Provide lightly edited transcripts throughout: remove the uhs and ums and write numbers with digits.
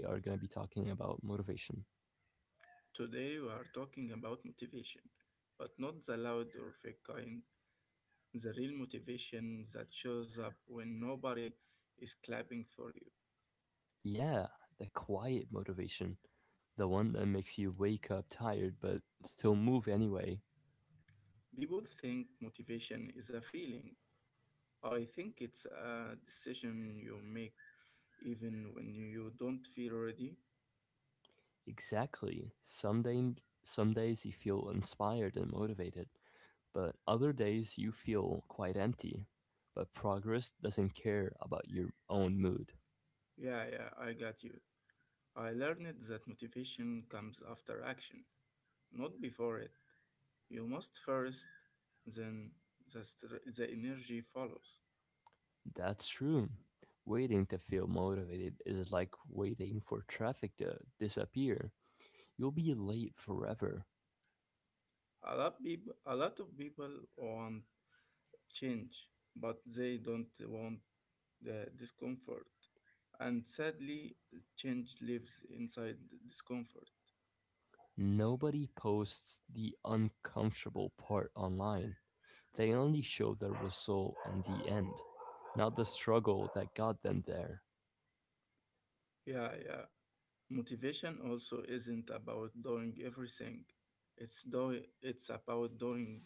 We are going to be talking about motivation. Today we are talking about motivation, but not the loud or fake kind, the real motivation that shows up when nobody is clapping for you. Yeah, the quiet motivation. The one that makes you wake up tired but still move anyway. People think motivation is a feeling. I think it's a decision you make even when you don't feel ready. Exactly. Some days you feel inspired and motivated, but other days you feel quite empty. But progress doesn't care about your own mood. Yeah, yeah, I got you. I learned that motivation comes after action, not before it. You must first, then the energy follows. That's true. Waiting to feel motivated is like waiting for traffic to disappear. You'll be late forever. A lot of people want change, but they don't want the discomfort. And sadly, change lives inside the discomfort. Nobody posts the uncomfortable part online. They only show the result and the end, not the struggle that got them there. Yeah, yeah. Motivation also isn't about doing everything. It's about doing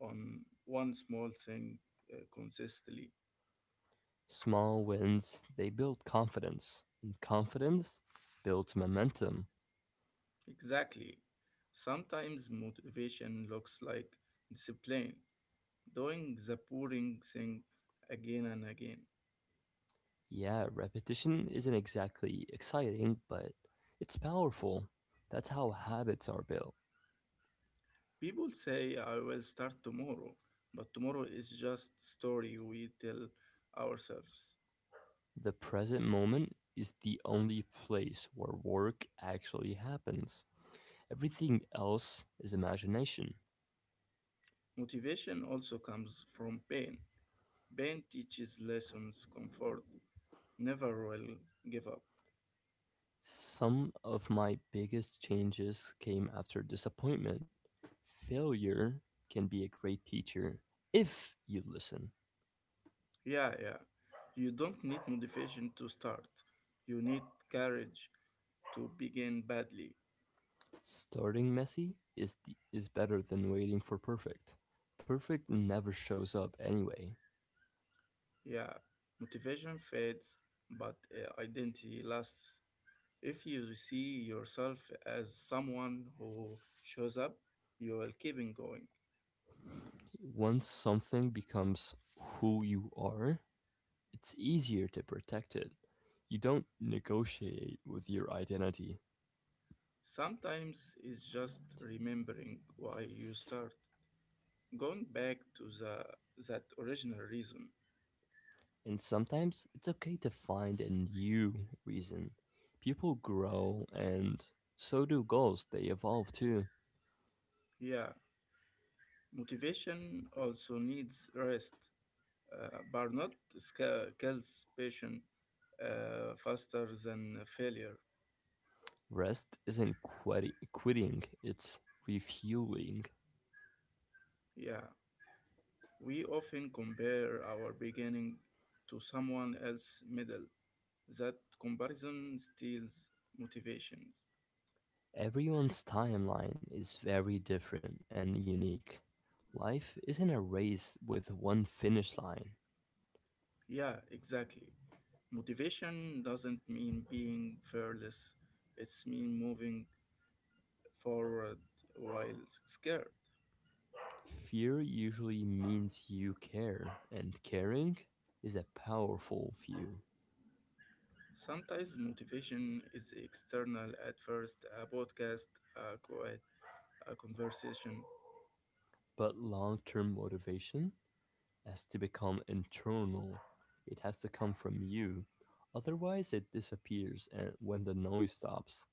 on one small thing consistently. Small wins, they build confidence, and confidence builds momentum. Exactly. Sometimes motivation looks like discipline, doing the boring thing again and again. Yeah, repetition isn't exactly exciting, but it's powerful. That's how habits are built. People say I will start tomorrow, but tomorrow is just story we tell ourselves. The present moment is the only place where work actually happens. Everything else is imagination. Motivation also comes from pain. Pain teaches lessons, comfort, never will give up. Some of my biggest changes came after disappointment. Failure can be a great teacher if you listen. Yeah, yeah. You don't need motivation to start. You need courage to begin badly. Starting messy is better than waiting for perfect. Perfect never shows up anyway. Yeah. Motivation fades, but identity lasts. If you see yourself as someone who shows up, you will keep on going. Once something becomes who you are, it's easier to protect it. You don't negotiate with your identity. Sometimes it's just remembering why you start, going back to the that original reason. And sometimes it's okay to find a new reason. People grow, and so do goals, they evolve too. Yeah, motivation also needs rest. Burnout kills passion faster than failure. Rest isn't quitting, it's refueling. Yeah, we often compare our beginning to someone else's middle, that comparison steals motivations. Everyone's timeline is very different and unique. Life isn't a race with one finish line. Yeah, exactly. Motivation doesn't mean being fearless. It's mean moving forward while scared. Fear usually means you care, and caring is a powerful view. Sometimes motivation is external at first, a podcast, a quiet, a conversation. But long term motivation has to become internal, it has to come from you. Otherwise, it disappears and when the noise stops.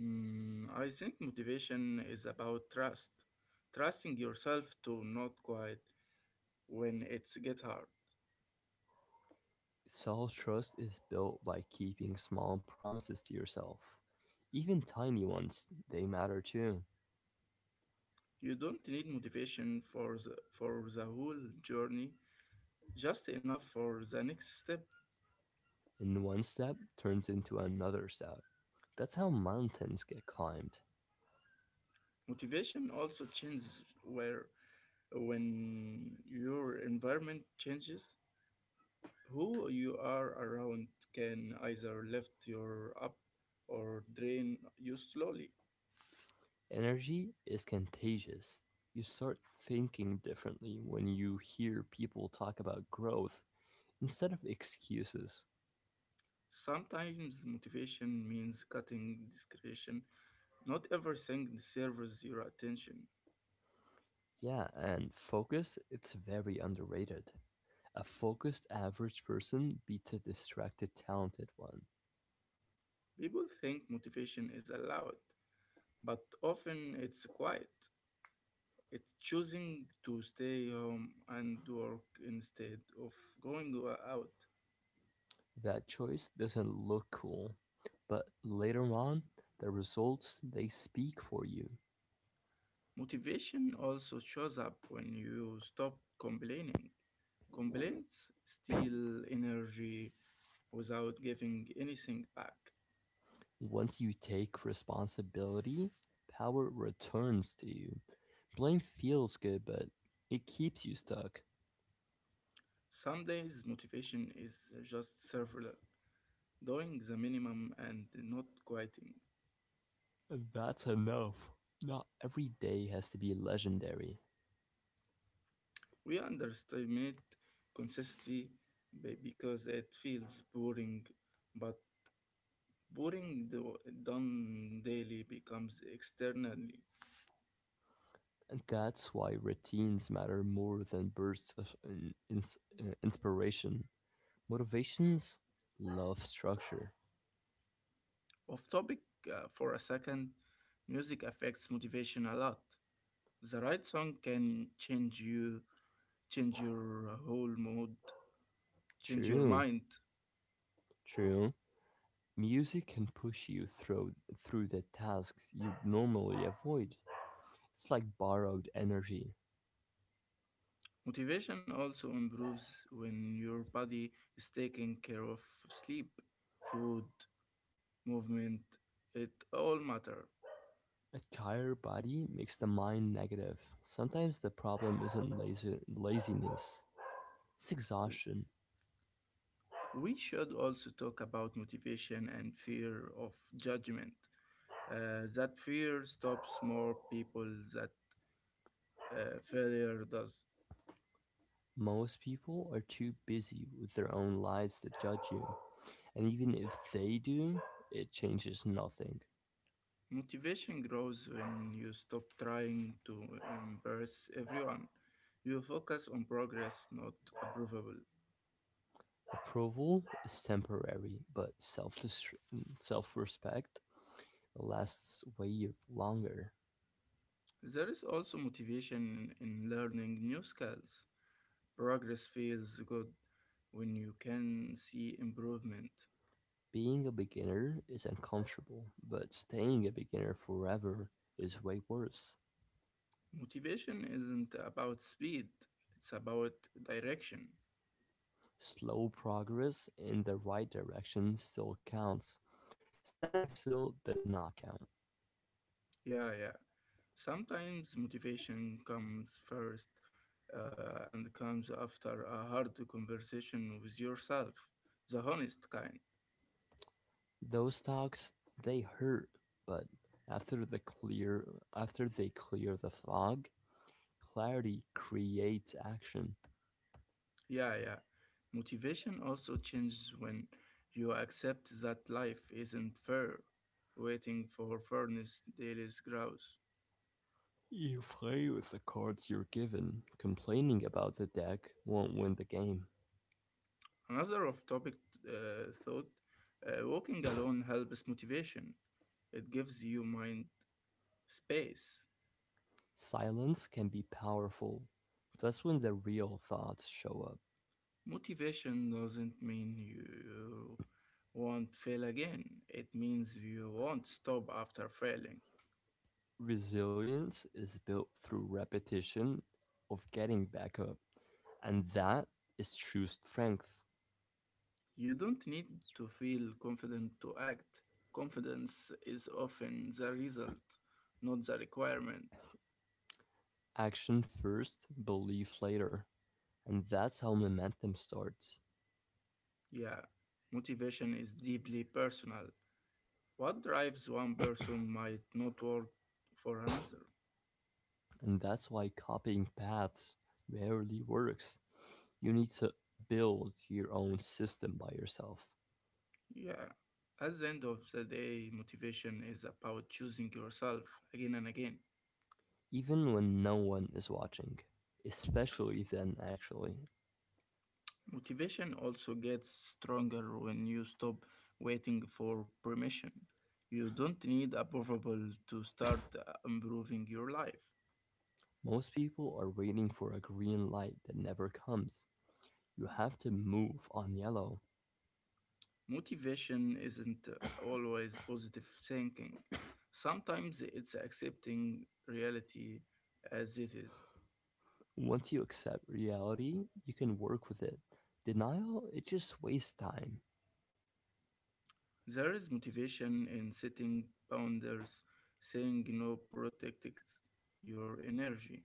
Mm, I think motivation is about trust. Trusting yourself to not quit when it's get hard. Self trust is built by keeping small promises to yourself. Even tiny ones, they matter too. You don't need motivation for for the whole journey, just enough for the next step. And one step turns into another step. That's how mountains get climbed. Motivation also changes where when your environment changes, who you are around can either lift you up or drain you slowly. Energy is contagious. You start thinking differently when you hear people talk about growth instead of excuses. Sometimes motivation means cutting discretion. Not everything deserves your attention. Yeah, and focus, it's very underrated. A focused average person beats a distracted talented one. People think motivation is allowed, but often it's quiet. It's choosing to stay home and work instead of out. That choice doesn't look cool, but later on, the results they speak for you. Motivation also shows up when you stop complaining. Complaints steal energy without giving anything back. Once you take responsibility, power returns to you. Blame feels good, but it keeps you stuck. Some days motivation is just survival, doing the minimum and not quitting. That's enough. Not every day has to be legendary. We underestimate consistency because it feels boring, but boring do- done daily becomes externally And that's why routines matter more than bursts of inspiration. Motivations love structure. off topic for a second. Music affects motivation a lot. The right song can change you, change your whole mood, change your True, mind. true. Music can push you through the tasks you'd normally avoid. It's like borrowed energy. Motivation also improves when your body is taking care of sleep, food, movement, it all matter. A tired body makes the mind negative. Sometimes the problem isn't laziness, it's exhaustion. We should also talk about motivation and fear of judgment. That fear stops more people that failure does. Most people are too busy with their own lives to judge you, and even if they do, it changes nothing. Motivation grows when you stop trying to impress everyone. You focus on progress, not approvable. Approval is temporary, but self respect lasts way longer. There is also motivation in learning new skills. Progress feels good when you can see improvement. Being a beginner is uncomfortable, but staying a beginner forever is way worse. Motivation isn't about speed, it's about direction. Slow progress in the right direction still counts. Standing still does not count. Yeah, yeah. Sometimes motivation comes first and comes after a hard conversation with yourself, the honest kind. Those talks they hurt, but after the clear after they clear the fog, clarity creates action. Yeah, yeah. Motivation also changes when you accept that life isn't fair, waiting for fairness there is grouse. You play with the cards you're given. Complaining about the deck won't win the game. Another of topic thought, walking alone helps motivation. It gives you mind space. Silence can be powerful. That's when the real thoughts show up. Motivation doesn't mean you won't fail again. It means you won't stop after failing. Resilience is built through repetition of getting back up. And that is true strength. You don't need to feel confident to act. Confidence is often the result, not the requirement. Action first, belief later. And that's how momentum starts. Yeah, motivation is deeply personal. What drives one person might not work for another. And that's why copying paths rarely works. You need to build your own system by yourself, Yeah. At the end of the day, motivation is about choosing yourself again and again. even when no one is watching. Especially then, actually. Motivation also gets stronger when you stop waiting for permission. You don't need approval to start improving your life. Most people are waiting for a green light that never comes. You have to move on yellow. Motivation isn't always positive thinking. Sometimes it's accepting reality as it is. Once you accept reality, you can work with it. Denial, it just wastes time. There is motivation in setting boundaries, saying no protects your energy.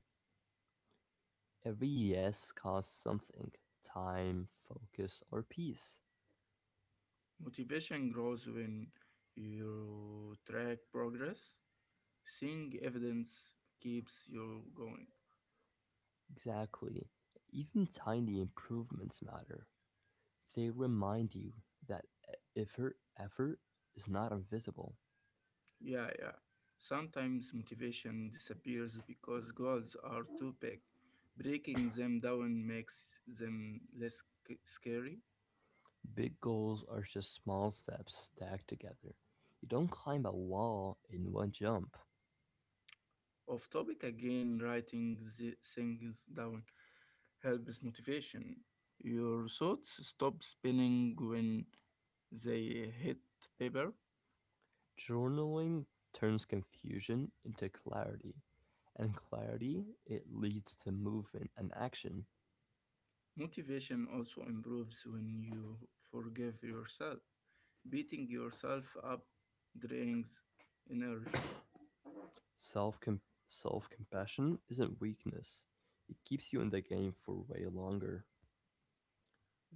Every yes costs something time, focus, or peace. Motivation grows when you track progress. Seeing evidence keeps you going. Exactly. Even tiny improvements matter. They remind you that effort is not invisible. Yeah, yeah. Sometimes motivation disappears because goals are too big. Breaking them down makes them less scary. Big goals are just small steps stacked together. You don't climb a wall in one jump. Off topic again, writing the things down helps motivation. Your thoughts stop spinning when they hit paper. Journaling turns confusion into clarity, and clarity it leads to movement and action. Motivation also improves when you forgive yourself. Beating yourself up drains energy. Self self compassion isn't weakness; it keeps you in the game for way longer.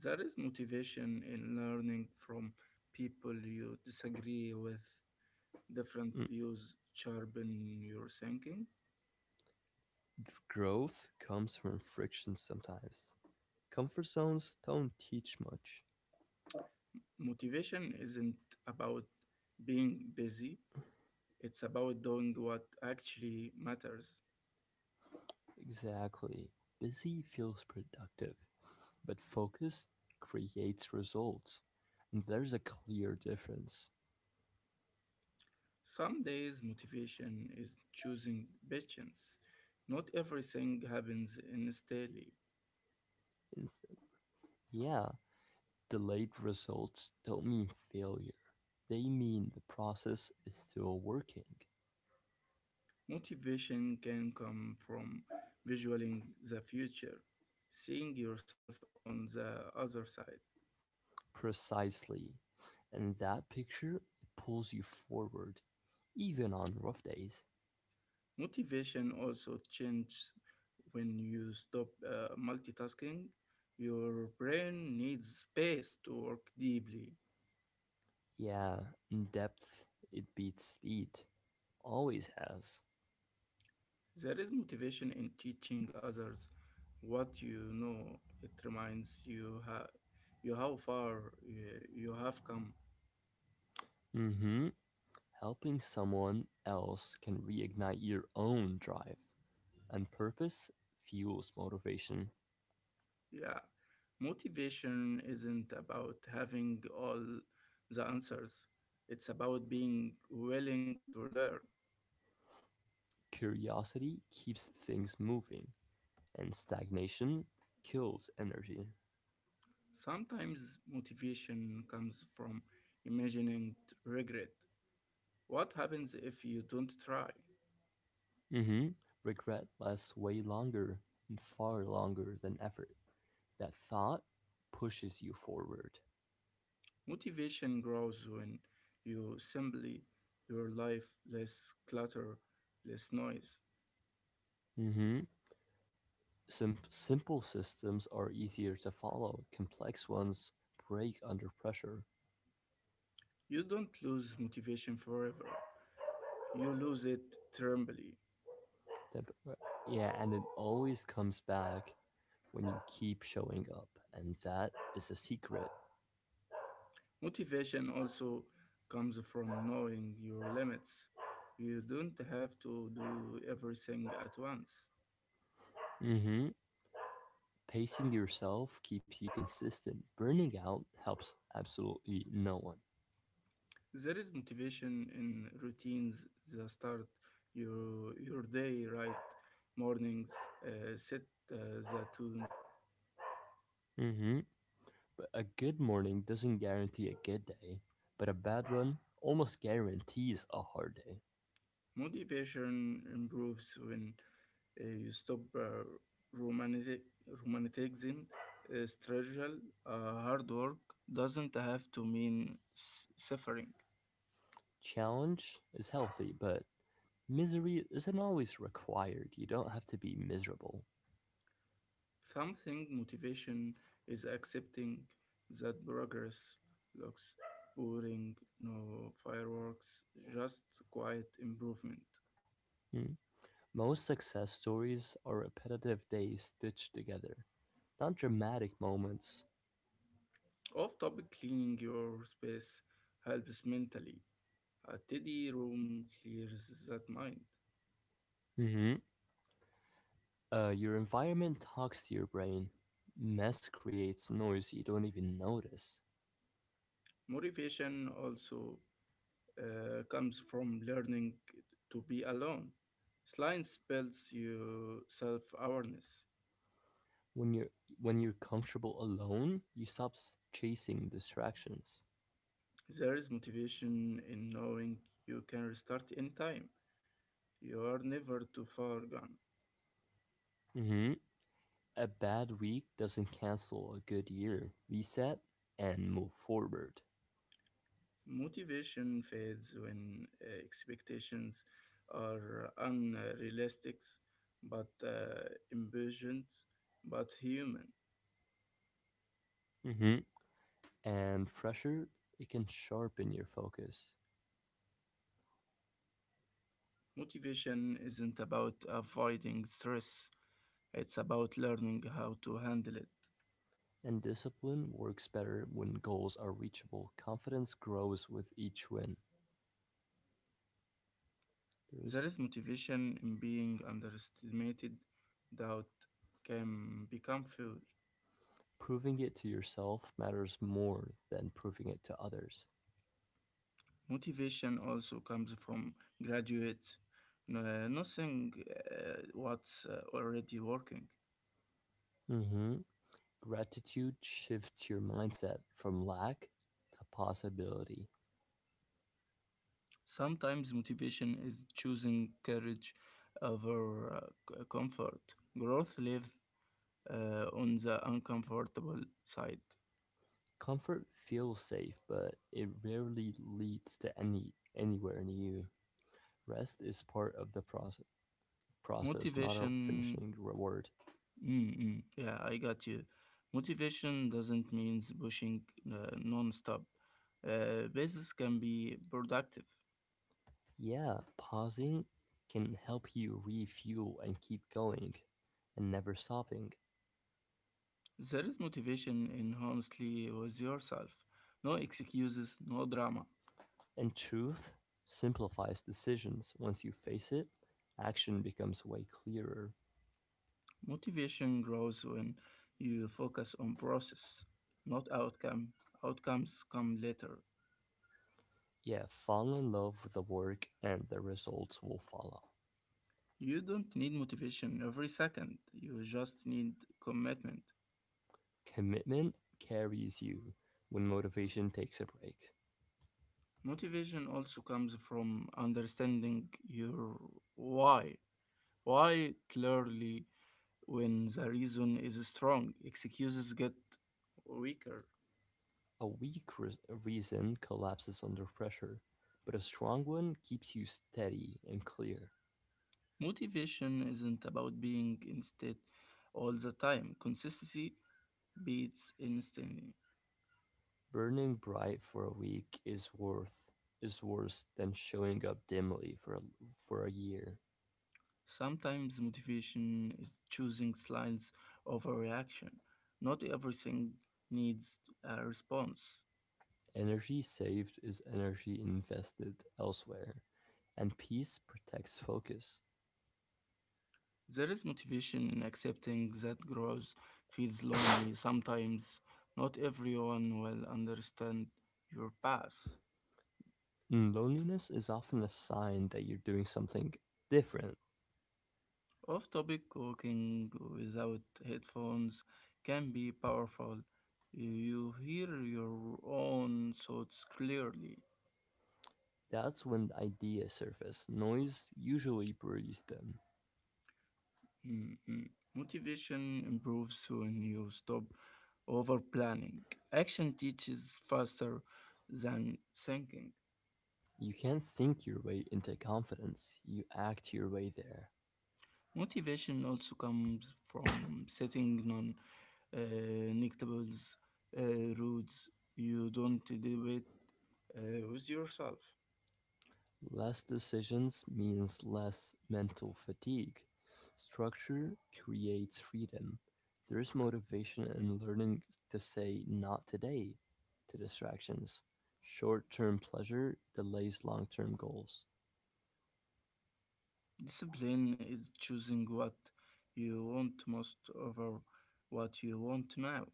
There is motivation in learning from people you disagree with, different Mm, views sharpen your thinking. growth comes from friction sometimes. Comfort zones don't teach much. Motivation isn't about being busy, it's about doing what actually matters. Exactly. Busy feels productive, but focus creates results, and there's a clear difference. Some days, motivation is choosing patience. Not everything happens instantly. It's- yeah, delayed results don't mean failure, they mean the process is still working. Motivation can come from visualizing the future, seeing yourself on the other side. Precisely. And that picture pulls you forward, even on rough days. Motivation also changes when you stop multitasking. Your brain needs space to work deeply. Yeah, depth, it beats speed. Always has. There is motivation in teaching others what you know. It reminds you how far you have come. Mm hmm. Helping someone else can reignite your own drive, and purpose fuels motivation. Yeah, motivation isn't about having all the answers, it's about being willing to learn. Curiosity keeps things moving, and stagnation kills energy. Sometimes motivation comes from imagining regret. What happens if you don't try? Hmm. Regret lasts way longer and far longer than effort. That thought pushes you forward. Motivation grows when you simply your life, less clutter, less noise. Hmm. Simple systems are easier to follow. Complex ones break under pressure. You don't lose motivation forever. You lose it temporarily. Temp- yeah, and it always comes back when you keep showing up, and that is a secret. Motivation also comes from knowing your limits. You don't have to do everything at once. Hmm. Pacing yourself keeps you consistent. Burning out helps absolutely no one. There is motivation in routines that start your day right. Mornings set uh, the tone. Mm-hmm. But A good morning doesn't guarantee a good day, but a bad one almost guarantees a hard day. Motivation improves when you stop romantic, romanticizing struggle. Hard work doesn't have to mean suffering. Challenge is healthy, but misery isn't always required. You don't have to be miserable. Something motivation is accepting that progress looks boring, no fireworks, just quiet improvement. Mm. Most success stories are repetitive days stitched together, not dramatic moments. Off topic, cleaning your space helps mentally. A tidy room clears that mind. Mm-hmm. Your environment talks to your brain. Mess creates noise you don't even notice. Motivation also comes from learning to be alone. Science builds your self awareness. when you're when you're comfortable alone, you chasing distractions. There is motivation in knowing you can restart anytime. You're never too far gone. Hmm. A bad week doesn't cancel a good year. Reset and move forward. Motivation fades when expectations are unrealistic, but impatient, but human. Hmm. And pressure it can sharpen your focus. Motivation isn't about avoiding stress, it's about learning how to handle it. And discipline works better when goals are reachable. Confidence grows with each win. There's There is motivation in being underestimated, doubt can become fuel. Proving it to yourself matters more than proving it to others. Motivation also comes from graduates nothing what's already working. Hmm. Gratitude shifts your mindset from lack to possibility. Sometimes motivation is choosing courage over comfort. Growth lives on the uncomfortable side. Comfort feels safe, but it rarely leads to anywhere new. Rest is part of the process, not a Motivation, finishing reward. Yeah, I got you. Motivation doesn't mean pushing non-stop. Basis can be productive. Yeah, pausing can help you refuel and keep going and never stopping. There is motivation in honestly with yourself. No excuses, no drama. And truth simplifies decisions. Once you face it, action becomes way clearer. Motivation grows when you focus on process, not outcome. Outcomes come later. Yeah, fall in love with the work and the results will follow. You don't need motivation every second. You just need commitment. Commitment carries you when motivation takes a break. Motivation also comes from understanding your why. Why clearly when the reason is strong, excuses get weaker. A weak re- reason collapses under pressure, but a strong one keeps you steady and clear. Motivation isn't about being instead all the time. Consistency beats instantly. Burning bright for a week is worth is worse than showing up dimly for a year. Sometimes motivation is choosing slides over reaction. Not everything needs a response. Energy saved is energy invested elsewhere, and peace protects focus. There is motivation in accepting that growth feels lonely. Sometimes not everyone will understand your path. Mm, loneliness is often a sign that you're doing something different. Off topic, cooking without headphones can be powerful. You hear your own thoughts clearly. That's when ideas surface. Noise usually breeds them. Mhm. Motivation improves when you stop over planning. Action teaches faster than thinking. You can't think your way into confidence, you act your way there. Motivation also comes from setting non uh, neglectables, rules you don't debate with yourself. Less decisions means less mental fatigue. Structure creates freedom. There is motivation in learning to say not today to distractions. Short term pleasure delays long term goals. Discipline is choosing what you want most over what you want now.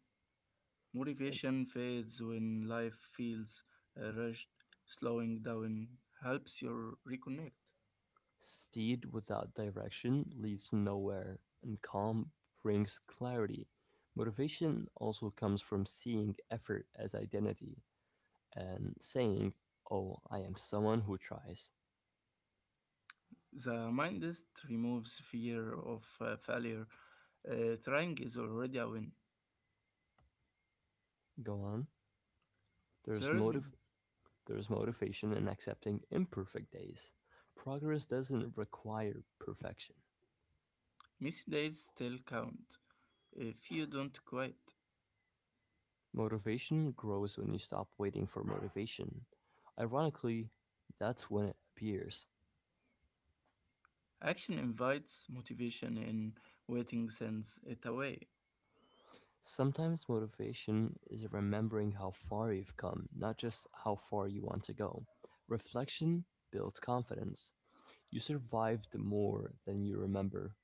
And Motivation fades when life feels rushed. Slowing down helps you reconnect. Speed without direction leads nowhere, and calm brings clarity. Motivation also comes from seeing effort as identity and saying, "Oh, I am someone who tries." The mindset removes fear of failure. Trying is already a win. Go on. There's There is motive there's motivation in accepting imperfect days. Progress doesn't require perfection. missed days still count. If you don't quit, Motivation grows when you stop waiting for motivation. Ironically, that's when it appears. action invites motivation in, waiting sends it away. Sometimes motivation is remembering how far you've come, not just how far you want to go. Reflection builds confidence. You survived more than you remember.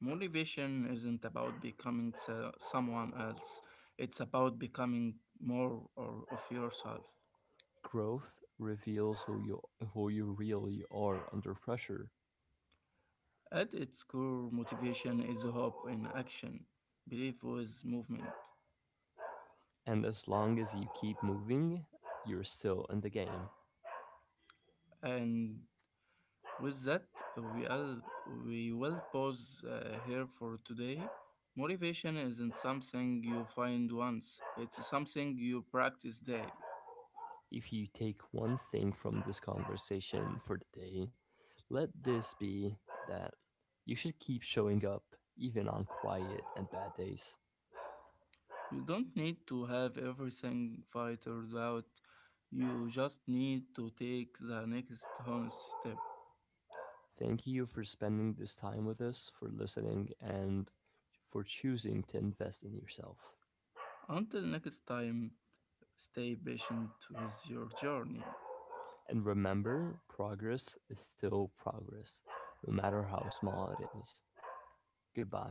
Motivation isn't about becoming someone else, it's about becoming more or of yourself. Growth reveals who you really are under pressure. At its core, motivation is hope in action, belief with movement. And as long as you keep moving, you're still in the game. And with that, we, all, we will pause here for today. Motivation isn't something you find once, it's something you practice daily. If you take one thing from this conversation for the day, let this be that you should keep showing up even on quiet and bad days. You don't need to have everything figured out. You just need to take the next honest step. Thank you for spending this time with us, for listening, and for choosing to invest in yourself. Until next time, stay patient with your journey. And remember, progress is still progress, no matter how small it is. Goodbye.